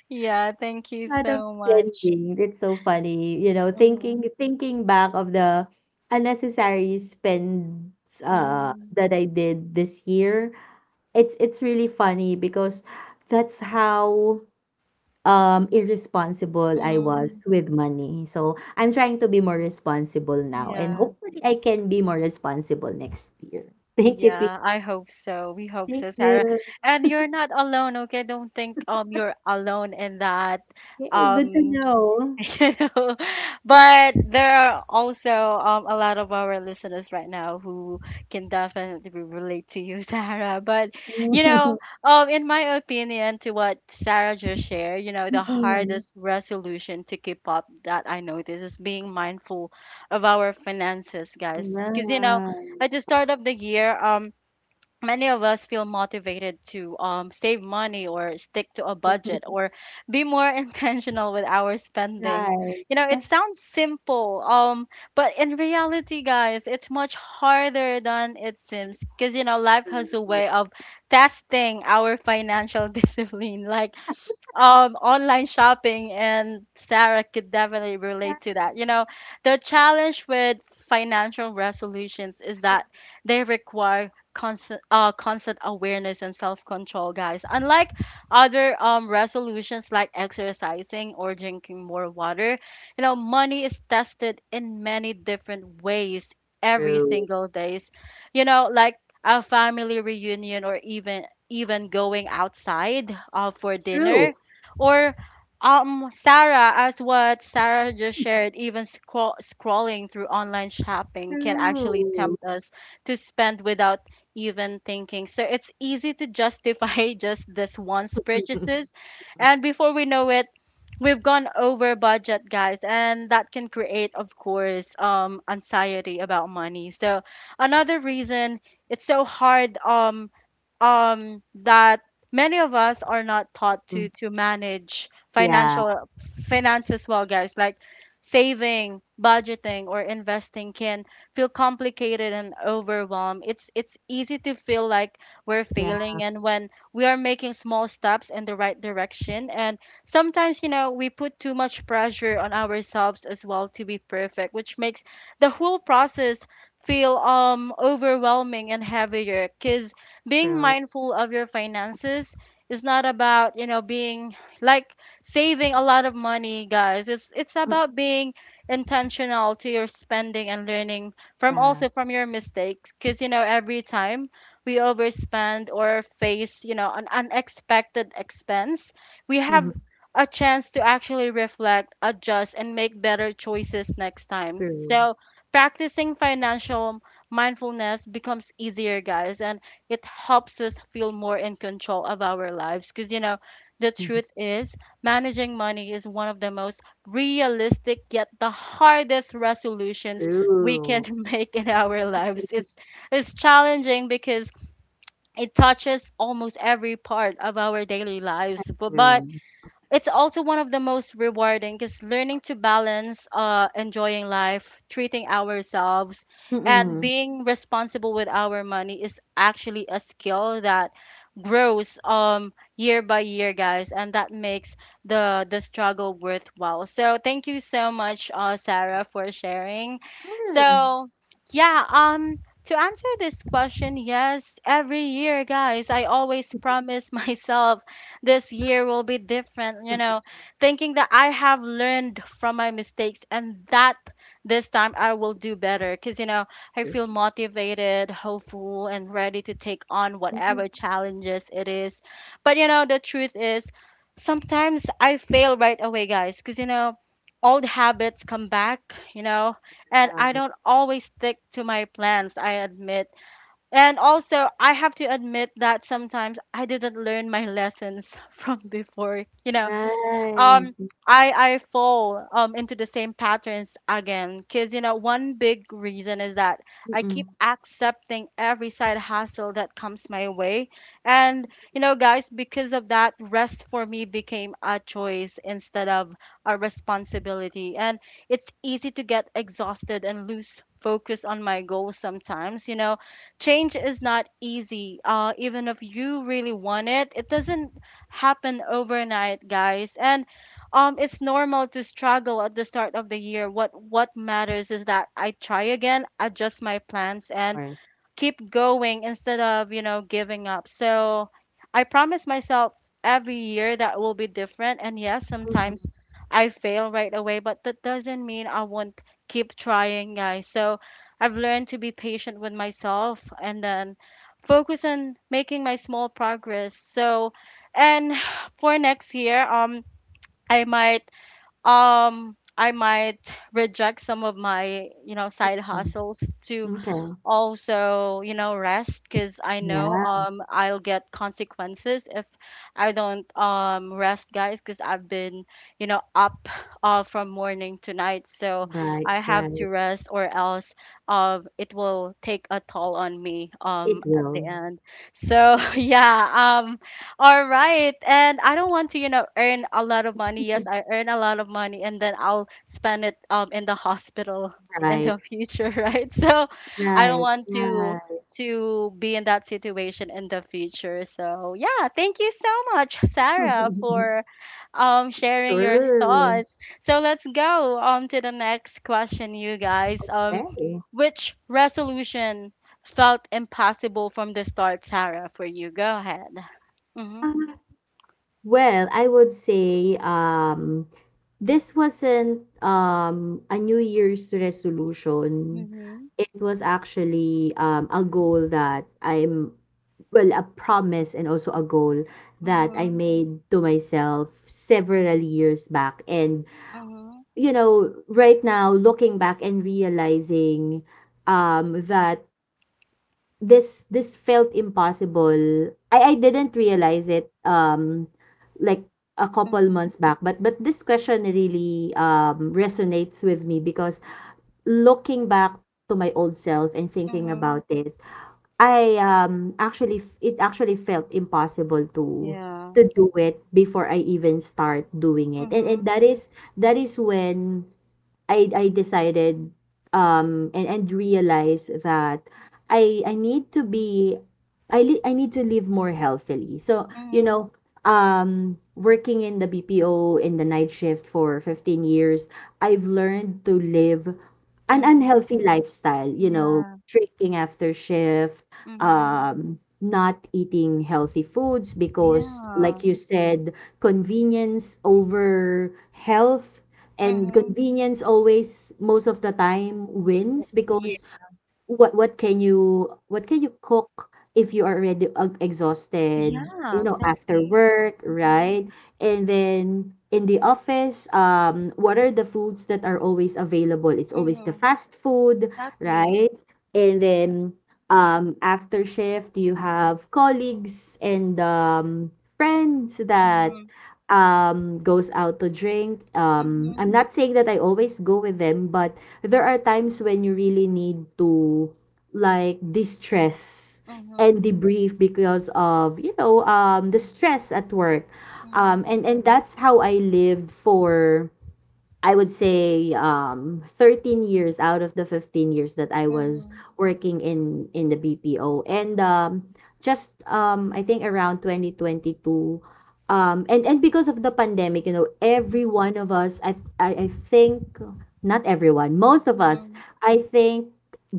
Yeah, thank you
Out of
so much.
spending, it's so funny, thinking
Mhm,
back of the unnecessary spends
mhm,
that I did this year. It's really funny because that's how irresponsible I
mhm.
was with money. So I'm trying to be more responsible now, and
Yeah,
hopefully I can be more responsible next year. Thank you, Chris.
yeah, I hope so. We hope
Thank
so, Sarah.
you.
And you're not alone, okay? Don't think you're alone in that.
Yay, good to
Um,
know.
you know but there are also a lot of our listeners right now who can definitely relate to you Sarah, but you know in my opinion, to what Sarah just shared, the
Mm,
hardest resolution to keep up that I noticed is being mindful of our finances, guys, because
ayan.
at the start of the year many of us feel motivated to save money or stick to a budget or be more intentional with our spending.
Right.
You know, it
That's
sounds simple but in reality, guys, it's much harder than it seems because life
true,
has a way of testing our financial discipline, like online shopping, and Sarah could definitely relate to that. The challenge with financial resolutions is that they require constant, constant awareness and self control, guys. Unlike other resolutions like exercising or drinking more water, money is tested in many different ways every
true,
single days. Like a family reunion or even even going outside for
true,
dinner, or Sarah, as what Sarah just shared, even scrolling through online shopping can actually
true.
tempt us to spend without even thinking. So it's easy to justify just this once purchases. And before we know it, we've gone over budget, guys, and that can create, of course, anxiety about money. So another reason it's so hard that many of us are not taught
Mm,
to manage
yeah,
financial finances well, guys. Like saving, budgeting, or investing can feel complicated and overwhelmed. It's easy to feel like we're
yeah,
failing, and when we are making small steps in the right direction, and sometimes we put too much pressure on ourselves as well to be perfect, which makes the whole process feel overwhelming and heavier, because being
true.
mindful of your finances is not about, being like saving a lot of money, guys. It's
Mm,
about being intentional to your spending and learning from
yeah,
also from your mistakes, because every time we overspend or face, an unexpected expense, we have
mhm,
a chance to actually reflect, adjust, and make better choices next time.
true,
So, practicing financial mindfulness becomes easier, guys. And it helps us feel more in control of our lives because the
mhm,
truth is managing money is one of the most realistic yet the hardest resolutions we can
true,
make in our lives. It's challenging because it touches almost every part of our daily lives, but
true.
it's also one of the most rewarding because learning to balance enjoying life, treating ourselves, and
Mm-mm,
being responsible with our money is actually a skill that grows year by year, guys. And that makes the struggle worthwhile. So thank you so much Sarah for sharing.
sure.
So yeah, to answer this question, yes, every year guys, I always
Mm,
promise myself this year will be different, thinking that I have learned from my mistakes and that this time I will do better because, I
true.
feel motivated, hopeful, and ready to take on whatever challenges it is. But, the truth is sometimes I fail right away, guys, because, old habits come back, you know, and
Yeah,
I don't always stick to my plans, I admit. And also, I have to admit that sometimes I didn't learn my lessons from before.
right.
Um I fall into the same patterns again because one big reason is that I keep
Mm-mm,
accepting every side hustle that comes my way. And guys, because of that, rest for me became a choice instead of a responsibility. And it's easy to get exhausted and lose focus on my goals. Sometimes change is not easy, even if you really want it, it doesn't happen overnight, guys. And it's normal to struggle at the start of the year. What matters is that I try again, adjust my plans,
of
and
course.
keep going instead of giving up. So I promise myself every year that will be different, and yes, sometimes
Mm-mm,
I fail right away, but that doesn't mean I won't keep trying, guys. So I've learned to be patient with myself and then focus on making my small progress. So and for next year, I might I might reject some of my, side
mm,
hustles to
okay.
also rest because I know
Yeah,
I'll get consequences if I don't rest, guys, because I've been up from morning to night. So
right,
I have
right.
to rest, or else it will take a toll on me
It
at the
will.
end. So yeah, all right, and I don't want to earn a lot of money, yes, I earn a lot of money, and then I'll spend it in the hospital in
Right,
the future right? So I don't
right,
want to
right.
be in that situation in the future. So yeah, thank you so much, Sarah, for sharing your
Sure.
thoughts. So let's go to the next question, you guys.
Okay.
Which resolution felt impossible from the start, Sarah? For you, go ahead. Mhm.
Uh, Well, I would say, this wasn't, a New Year's resolution.
Mhm.
It was actually, a goal that well, a promise and also a goal that I
Mhm.
made to myself several years back. And,
Mhm.
right now, looking back and realizing, that this felt impossible. I didn't realize it like a couple
Mhm.
months back, but this question really resonates with me because looking back to my old self and thinking
Mhm.
about it, I it actually felt impossible to
Yeah.
do it before I even start doing it. And
Mhm.
that is when I decided and realized that I need to be I need to live more healthily. So, you
Mhm.
know, working in the BPO in the night shift for 15 years, I've learned to live an
Mhm.
unhealthy lifestyle,
Yeah.
drinking after shift,
Mhm.
not eating healthy foods because like
Yeah.
you said, convenience over health. And
Mhm.
convenience always, most of the time, wins
Ye
because what can you cook if you are already exhausted,
Yeah,
after
exactly.
work,
Mhm.
right? And then in the office what are the foods that are always available? It's always the
Mhm.
fast food,
Exactly.
right? And then after shift you have colleagues and friends that
Mhm.
goes out to drink. Um,
Mhm.
I'm not saying that I always go with them, but there are times when you really need to like distress and
Mhm.
debrief because of, you know, the stress at work. Um,
Mhm.
and that's how I lived for I would say 13 years out of the 15 years that I was
Mhm.
working in the BPO. and
Yeah.
um just I think around 2022, and because of the pandemic, you know, every one of us, I think, not everyone, most of us,
Mhm.
I think,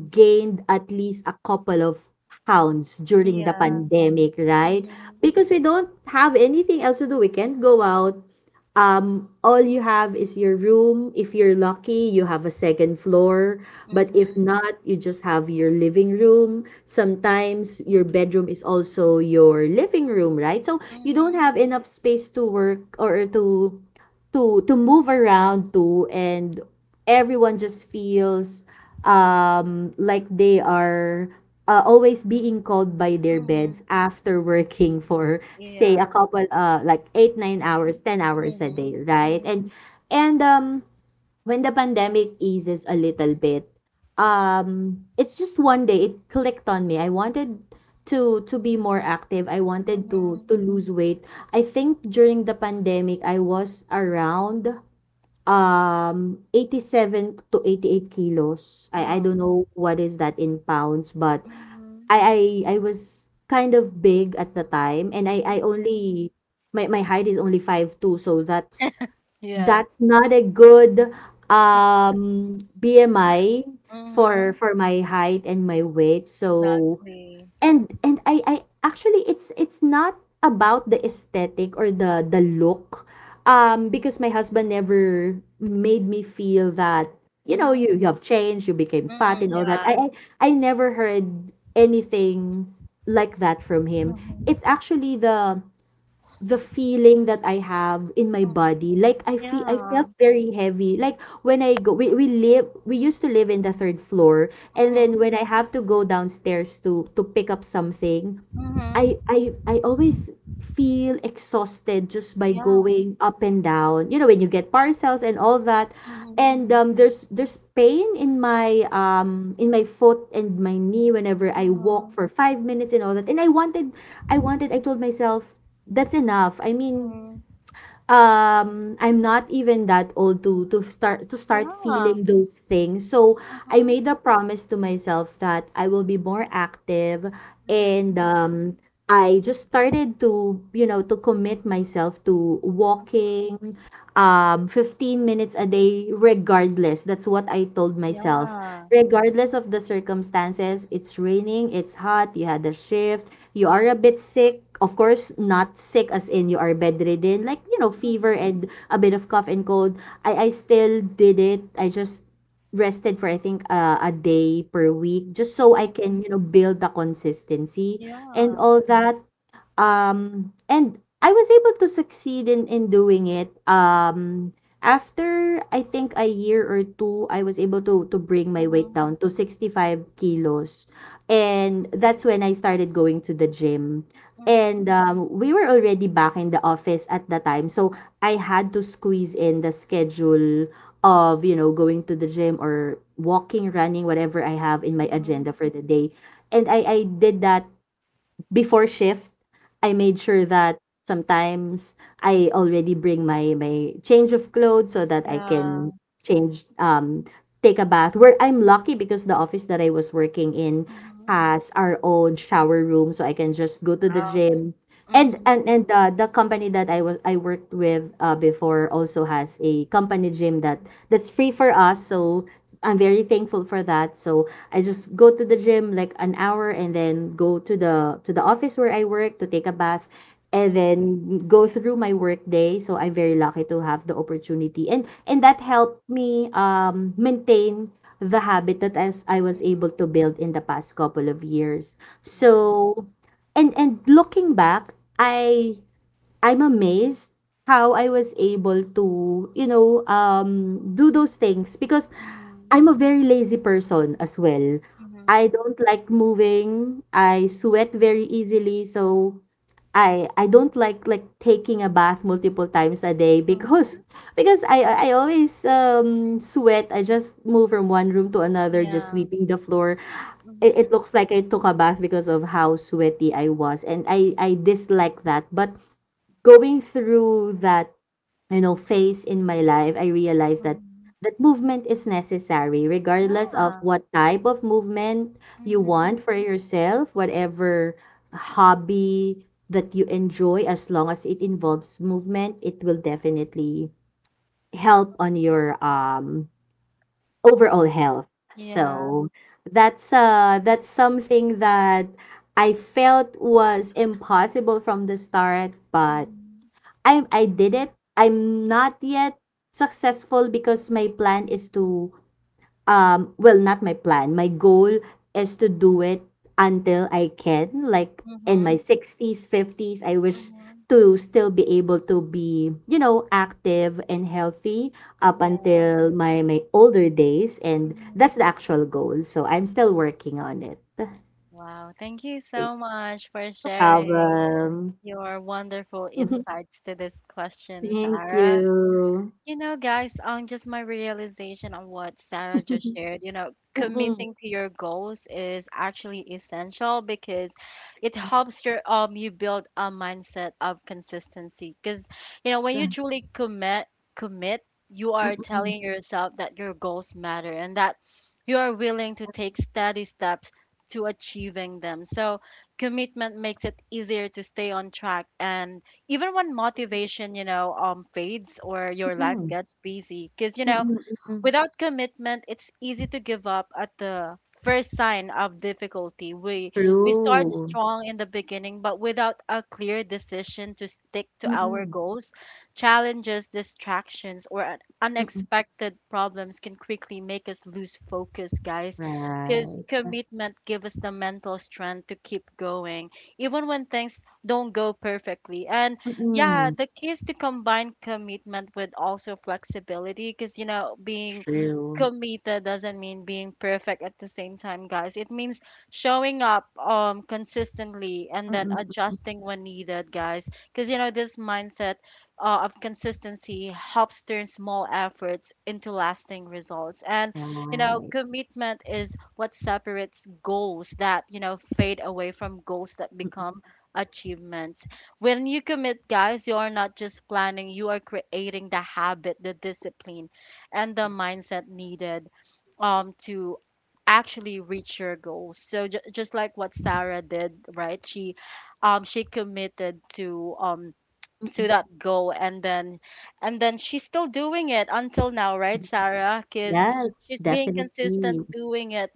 gained at least a couple of pounds during the
Yeah.
pandemic, right? Because we don't have anything else to do. We can't go out. All you have is your room. If you're lucky, you have a second floor. But if not, you just have your living room. Sometimes your bedroom is also your living room, right? So you don't
Mhm.
have enough space to work or to to move around to. And everyone just feels like they are always being called by
Mhm.
their
Mhm.
beds
Mhm.
after working for, say, a
Yeah.
couple, like 8 9 hours, 10 hours a day,
Mhm.
right?
Mhm.
And and when the pandemic eases a little bit, it's just 1 day it clicked on me. I wanted to be more active. I wanted to
Mhm.
lose weight. I think during the pandemic I was around 87 to 88 kilos. I
Um.
don't know what is that in pounds, but
Mhm.
I was kind of big at the time, and I
Mhm.
only my, my height is only 5'2", so that's
Yeah.
not a good BMI for
Mhm.
my height and my weight. So
Exactly.
and I actually, it's not about the aesthetic or the look, because my husband never made me feel that, you know,
Mhm.
you have changed, you became fat
Mhm.
and all that.
Yeah.
I never heard anything like that from him.
Mhm.
It's actually the feeling that I have in my
Mhm.
body. Like I feel, I
Yeah.
felt very heavy. Like when I go, we live we used to live in the third floor. And then
Mhm.
when I have to go downstairs to pick up something, I
Mhm.
I I always feel exhausted just by
Yeah.
going up and down. You know, when you get parcels and all that.
Mhm.
And there's pain in my foot and my knee whenever I walk
Mhm.
for 5 minutes and all that. And I wanted, I told myself, that's enough. I mean,
Mhm.
I'm not even that old to to start
Yeah.
feeling those things. So I
Mhm.
made a promise to myself that I will be more active.
Mm-hmm.
And I just started to, you know, to commit myself to walking 15 minutes a day, regardless. That's what I told myself.
Yeah.
Regardless of the circumstances, it's raining, it's hot, you had a shift, you are a bit sick. Of course, not sick as in you are bedridden, like, you know, fever
Mhm.
and a bit of cough and cold. I still did it. I just rested for, I think, a day per week, just so I
Mhm.
can, you know, build the consistency and
Yeah.
all that. And I was able to succeed in, doing it. After, I think, a year or two, I was able to bring my weight
Mhm.
down to 65 kilos. And that's when I started going to the gym.
Mhm.
And we were already back in the office at the time. So I had to squeeze in the schedule of, you know, going to the gym, or walking, running, whatever I have in my
Mhm.
agenda for the day. And I did that before shift. I made sure that sometimes I already bring my change of clothes so that I
Yeah.
can change, take a bath. Where I'm lucky, because the office that I was working in
Mhm.
has our own shower room, so I can just go to the
Wow.
gym.
Mhm.
And the company that I worked with before also has a company gym that that's free for us. So I'm very thankful for that. So I just go to the gym like an hour and then go to the office where I work to take a bath and
Mhm.
then go through my work day. So I'm very lucky to have the opportunity. And that helped me maintain the habit that, as I was
Mhm.
able to build, in the past couple of years.
Wow.
So and looking back, I, I'm amazed how I was able to, you know, do those things, because
Mhm.
I'm a very lazy person as well. I
Mhm.
don't like moving. I sweat very easily, so I don't like taking a bath multiple times a day because
Mhm.
because I always sweat. I just move from one room to another, just
Yeah.
sweeping the floor. It
Mm-hmm.
looks like I took a bath because of how sweaty I was, and I dislike that. But going through that, you know, phase in my life, I realized that
Mhm.
movement is necessary, regardless of
Yeah.
what type of movement you want
Mm-hmm.
for yourself, whatever hobby that you enjoy. As long as it involves movement, it will definitely help on your overall health.
Yeah.
So that's something that I felt was impossible from the start, but
Mhm.
I did it. I'm not yet successful because my plan is to not my plan, my goal is to do it until I can, like, in my
Mhm.
60s, 50s. I wish
Mhm.
to still be able to be, you know, active and healthy up
Yeah.
until my older days, and that's
Mhm.
the actual goal. So I'm still working on it.
Wow. Thank you so much for
No
sharing
problem.
your wonderful insights to this question,
Thank
Sarah.
you.
You know, guys, just my realization on what Sarah just shared, you know,
Mm-mm.
committing to your goals is actually essential because it helps your you build a mindset of consistency. Because, you know, when you
Yes.
truly commit, you are
Mm.
telling yourself that your goals matter and that you are willing to take steady steps to achieving them. So commitment makes it easier to stay on track, and even when motivation fades or your life
Mm.
gets busy because you know
Mm, mm.
without commitment it's easy to give up at the first sign of difficulty. We start
True.
strong in the beginning, but without a clear decision to stick to our
Mm,
goals, challenges, distractions, or
mm.
unexpected problems can quickly make us lose focus, guys. Because
Right.
commitment gives us the mental strength to keep going even when things don't go perfectly. And yeah,
Mm.
the keys to combine commitment with also flexibility because, you know, being
True.
committed doesn't mean being perfect at the same time, guys. It means showing up consistently and then
Mm, mm.
adjusting when needed, guys. Because, you know, this mindset of consistency helps turn small efforts into lasting results. And, you know,
Right.
commitment is what separates goals that, you know, fade away from goals that
Mm,
become achievements. When you commit, guys, you are not just planning, you are creating the habit, the discipline, and the mindset needed to actually reach your goals. So just like what Sarah did, right? She committed
mm.
to that goal, and then she's still doing it until now, right, Sarah? Because
Yes,
she's being
definitely.
consistent doing it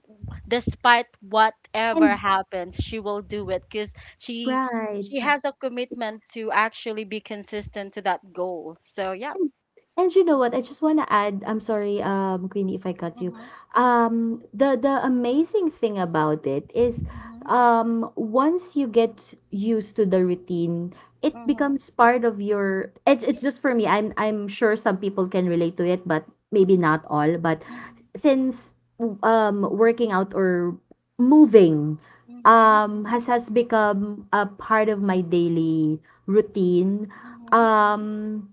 despite whatever
And
happens. She will do it because she she
right.
has a
It's
commitment to actually be consistent to that goal. So yeah.
Mm. And you know what?
Mhm,
I just wanna add, I'm sorry, Queenie, if I cut you.
mhm,
The amazing thing about it is,
mhm,
once you get used to the routine, it
mhm.
becomes part of your. It's
Yeah,
just for me. I'm sure some people can relate to it, but maybe not all. But
mhm,
since working out or moving,
mhm,
has become a part of my daily routine. Um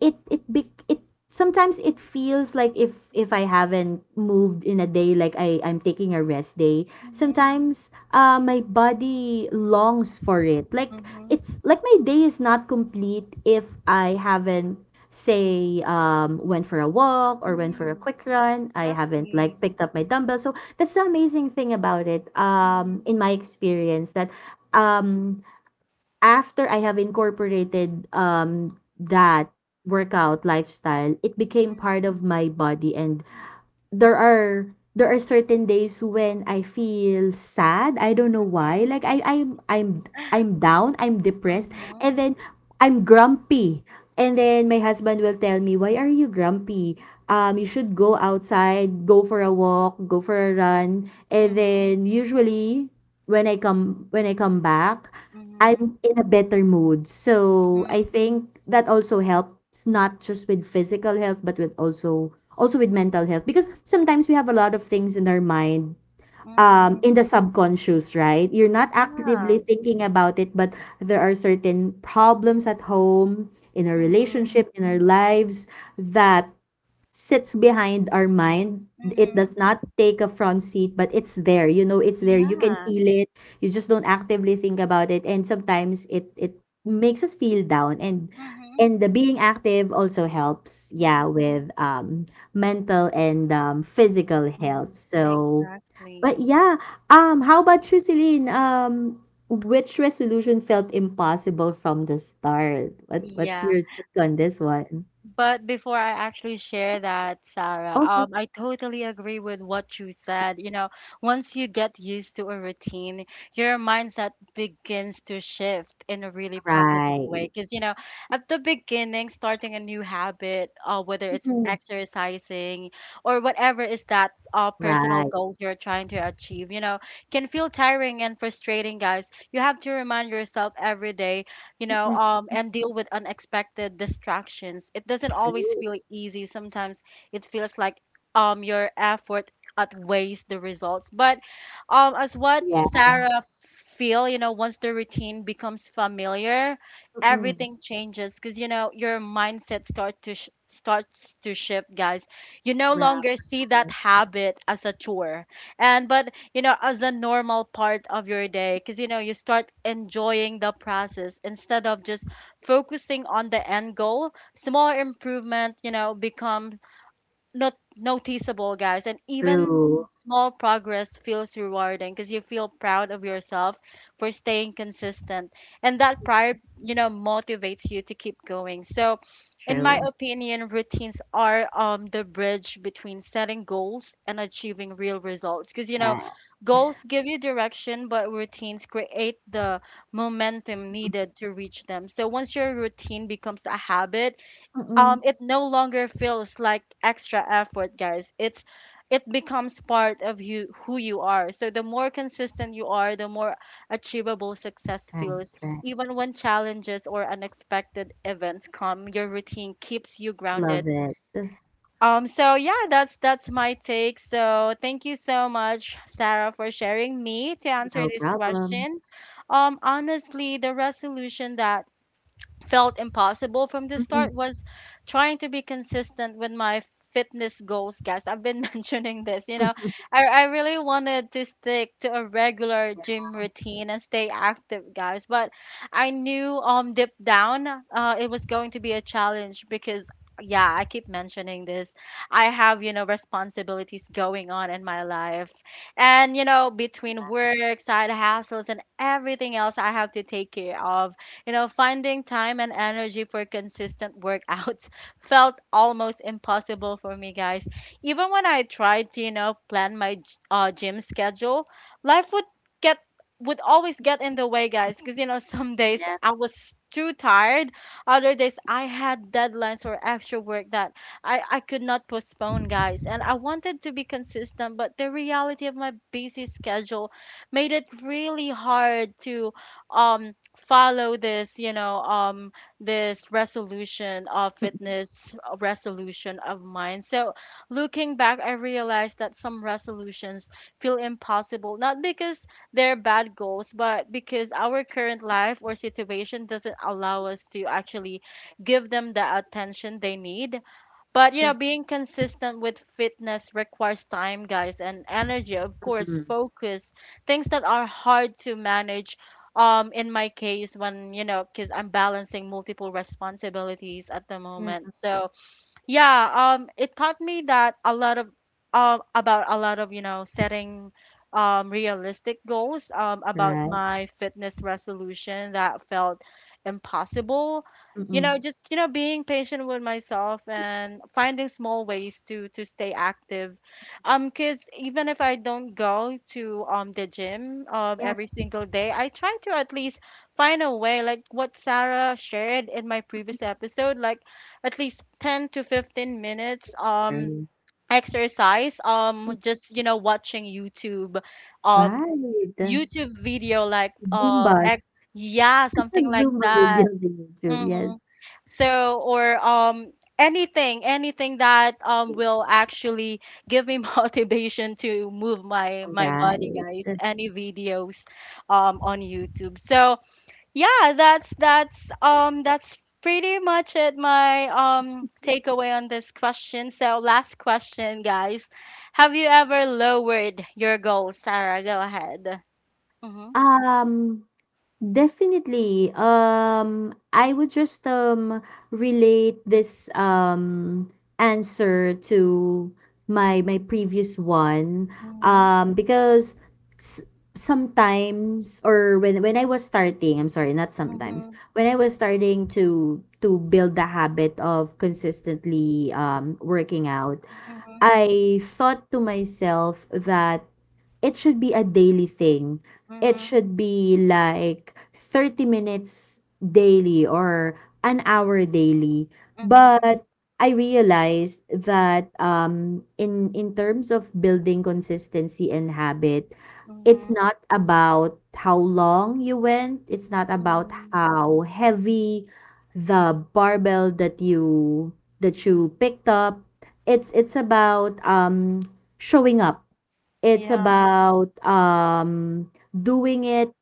it sometimes it feels like if I haven't moved in a day, like I'm taking a rest day.
mhm,
Sometimes my body longs for it. Like
mhm,
it's like my day is not complete if I haven't, say, went for a walk
mhm,
or went for a
mhm.
quick run, I haven't
Exactly.
like picked up my dumbbell. So that's the amazing thing about it,
Mhm,
in my experience, that um after I have incorporated that workout lifestyle, it became
mhm,
part of my body. And there are certain days when I feel sad. I don't know why. Like I'm down, I'm depressed,
mhm,
and then I'm grumpy. And then my husband will tell me, "Why are you grumpy? You should go outside, go for a walk, go for a run."
mhm,
And
mhm,
then usually when I come back,
mhm.
I'm in a better mood. So I
Mhm,
think that also helps, not just with physical health, but with also with mental health. Because sometimes we have a lot of things in our mind,
mhm.
in the subconscious, right? You're not actively
Yeah.
thinking about it, but there are certain problems at home, in our
Mhm,
relationship, in our lives, that sits behind our mind. It
mhm.
does not take a front seat, but it's there. You know, it's there. You can
Yeah.
feel it. You just don't actively think about it. And sometimes it makes us feel down. And
Mhm,
and the being active also helps, yeah,
mhm,
with mental and physical health.
mhm.
So but
Exactly.
yeah, how about you, Celine? Which resolution felt impossible from the start? What's
Yeah.
your take on this one?
But before I actually share that, Sarah,
Okay.
I totally agree with what you said. You know, once you get used to a routine, your mindset begins to shift in a really positive
Right.
way. Because, you know, at the beginning, starting a new habit, whether it's
Mm,
exercising or whatever is that personal
right.
goals you're trying to achieve, you know, can feel tiring and frustrating, guys. You have to remind yourself every day, you know,
Mm,
and deal with unexpected distractions. It doesn't always
true.
feel easy. Sometimes it feels like your effort outweighs the results. But as what
Yeah.
Sarah feel, you know, once the routine becomes familiar,
Mm.
everything changes because you know your mindset starts to shift, guys. You no
Right.
longer see that habit as a chore, and but you know, as a normal part of your day. Because, you know, you start enjoying the process instead of just focusing on the end goal. Small improvement, you know, becomes not noticeable, guys. And even
True.
small progress feels rewarding because you feel proud of yourself for staying consistent. And that pride, you know, motivates you to keep going. So, in my
True.
opinion, routines are the bridge between setting goals and achieving real results. Because, you know,
Right.
goals give you direction, but routines create the momentum needed to reach them. So, once your routine becomes a habit,
Mm.
it no longer feels like extra effort, guys. It becomes part of you, who you are. So the more consistent you are, the more achievable success
Right.
feels
Right.
even when challenges or unexpected events come. Your routine keeps you grounded.
Love it. Ugh,
So yeah, that's my take. So thank you so much, Sarah, for sharing. Me, to answer
no
this
problem.
question, honestly, the resolution that felt impossible from the
Mm-mm.
start was trying to be consistent with my fitness goals, guys. I've been mentioning this, you know. I really wanted to stick to a regular gym routine and stay active, guys, but I knew deep down it was going to be a challenge because yeah, I keep mentioning this. I have, you know, responsibilities going on in my life, and you know, between work, side hustles, and everything else I have to take care of, you know, finding time and energy for consistent workouts felt almost impossible for me, guys. Even when I tried to, you know, plan my gym schedule, life would get would always get in the way, guys, because you know, some days
Yeah.
I was too tired, other days I had deadlines or extra work that I could not postpone, guys. And I wanted to be consistent, but the reality of my busy schedule made it really hard to um follow this, you know, this resolution of fitness, resolution of mine. So looking back, I realized that some resolutions feel impossible not because they're bad goals, but because our current life or situation doesn't allow us to actually give them the attention they need. But you know,
True.
being consistent with fitness requires time, guys, and energy, of course,
Mm-mm.
focus, things that are hard to manage. In my case, when you know, because I'm balancing multiple responsibilities at the
Yeah.
moment, so yeah, it taught me that a lot of about a lot of, you know, setting realistic goals about
Right.
my fitness resolution that felt impossible. You
Mm.
know, just, you know, being patient with myself and finding small ways to stay active. 'Cause even if I don't go to the gym
Yeah.
every single day, I try to at least find a way, like what Sarah shared in my previous episode, like at least 10 to 15 minutes
True.
exercise, just you know watching um
Right.
YouTube video, like
Zumba.
ex yeah, something like
Zumba
that.
videos in YouTube. Yes.
Mm-hmm. So or anything, anything that will actually give me motivation to move my my body,
Right.
guys, any videos on YouTube. So yeah, that's pretty much it, my takeaway on this question. So last question, guys, have you ever lowered your goal, Sarah? Go ahead. Mm-hmm.
Um. Definitely. I would just relate this answer to my previous one.
Mm-hmm.
Because s- sometimes or when I was starting, I'm sorry, not sometimes.
Mm-hmm.
When I was starting to build the habit of consistently working out,
Mm-hmm.
I thought to myself that it should be a daily thing, it
Mm-hmm.
should be like 30 minutes daily or an hour daily. But I realized that in terms of building consistency and habit, it's
Mm-hmm.
not about how long you went, it's not about
Mm-hmm.
how heavy the barbell that you picked up. It's about showing up. It's
Yeah.
about, doing it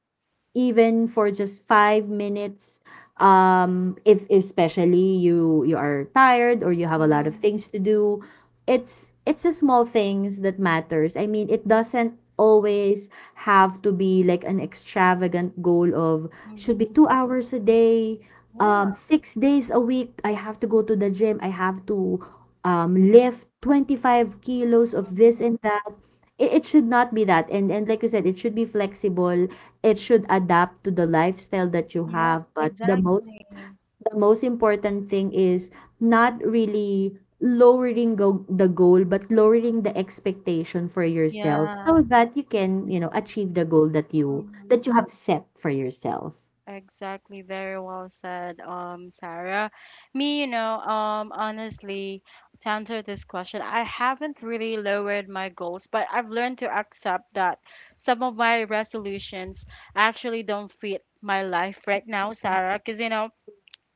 even for just 5 minutes, if especially you are tired or you have a lot of
Mm-hmm.
things to do. It's the small things that matters. I mean, it doesn't always have to be like an extravagant goal of, should be
Mm-hmm.
2 hours a day,
Yeah.
6 days a week, I have to go to the gym, I have to lift 25 kilos of this and
Mhm.
that. It should not be that. And like you said, it should be flexible, it should adapt to the lifestyle that you
Yeah,
have. But the most
exactly.
important thing is not really lowering the goal, but
Mhm.
lowering the expectation for yourself
Yeah.
so that you can, you know, achieve the goal that you
Hmm.
have set for yourself.
Exactly, very well said, Sarah. Me, you know, honestly, to answer this question, I haven't really lowered my goals, but I've learned to accept that some of my resolutions actually don't fit my life right now, Sarah. Because, you know,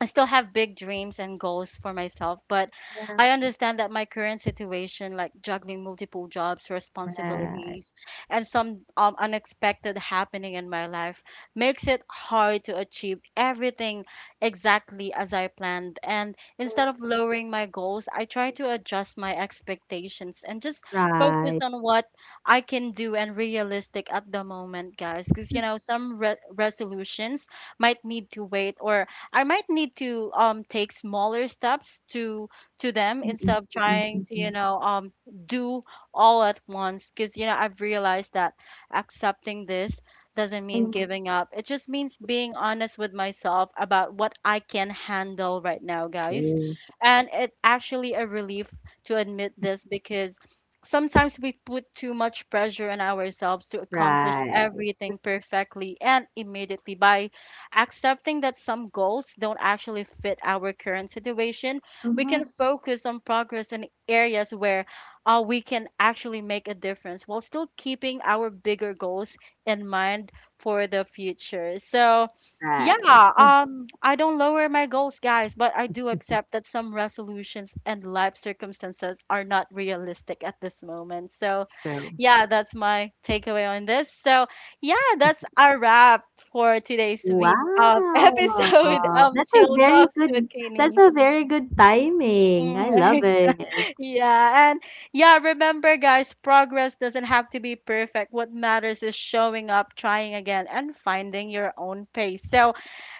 I still have big dreams and goals for myself, but I understand that my current situation, like juggling multiple jobs,
Right,
responsibilities, and some unexpected happening in my life, makes it hard to achieve everything exactly as I planned. And instead of lowering my goals, I try to adjust my expectations and just focus
right.
on what I can do and realistic at the moment, guys. Because, you know, some resolutions might need to wait, or I might need to take smaller steps to them
Mm,
instead of
mm,
trying
mm,
to, you
mm.
know, do all at once. Because you know, I've realized that accepting this doesn't mean
Mhm.
giving up. It just means being honest with myself about what I can handle right now, guys.
True.
And it actually a relief to admit this because sometimes we put too much pressure on ourselves to accomplish
Right.
everything perfectly and immediately. By accepting that some goals don't actually fit our current situation, we can
Mhm.
focus on progress in areas where we can actually make a difference while still keeping our bigger goals in mind for the future. So,
Right.
yeah,
That's
I don't lower my goals, guys, but I do accept that some resolutions and life circumstances are not realistic at this moment. So,
true.
yeah, that's my takeaway on this. So, yeah, that's our wrap for today's
Wow!
episode of
That's a
Chill
very
Talks with
good, that's
Kenny.
a very good timing. I
Mm,
love it.
Yeah, and yeah, remember guys, progress doesn't have to be perfect. What matters is showing up, trying again, and finding your own pace. So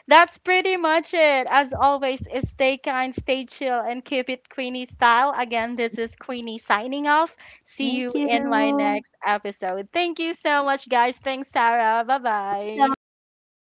that's pretty much it. As always, is stay kind, stay chill, and keep it Queenie style. Again, this is Queenie signing off. See you
Thank
in my
you.
next episode. Thank you so much, guys. Thanks, Sarah. Bye bye.
Welcome. Bye-bye.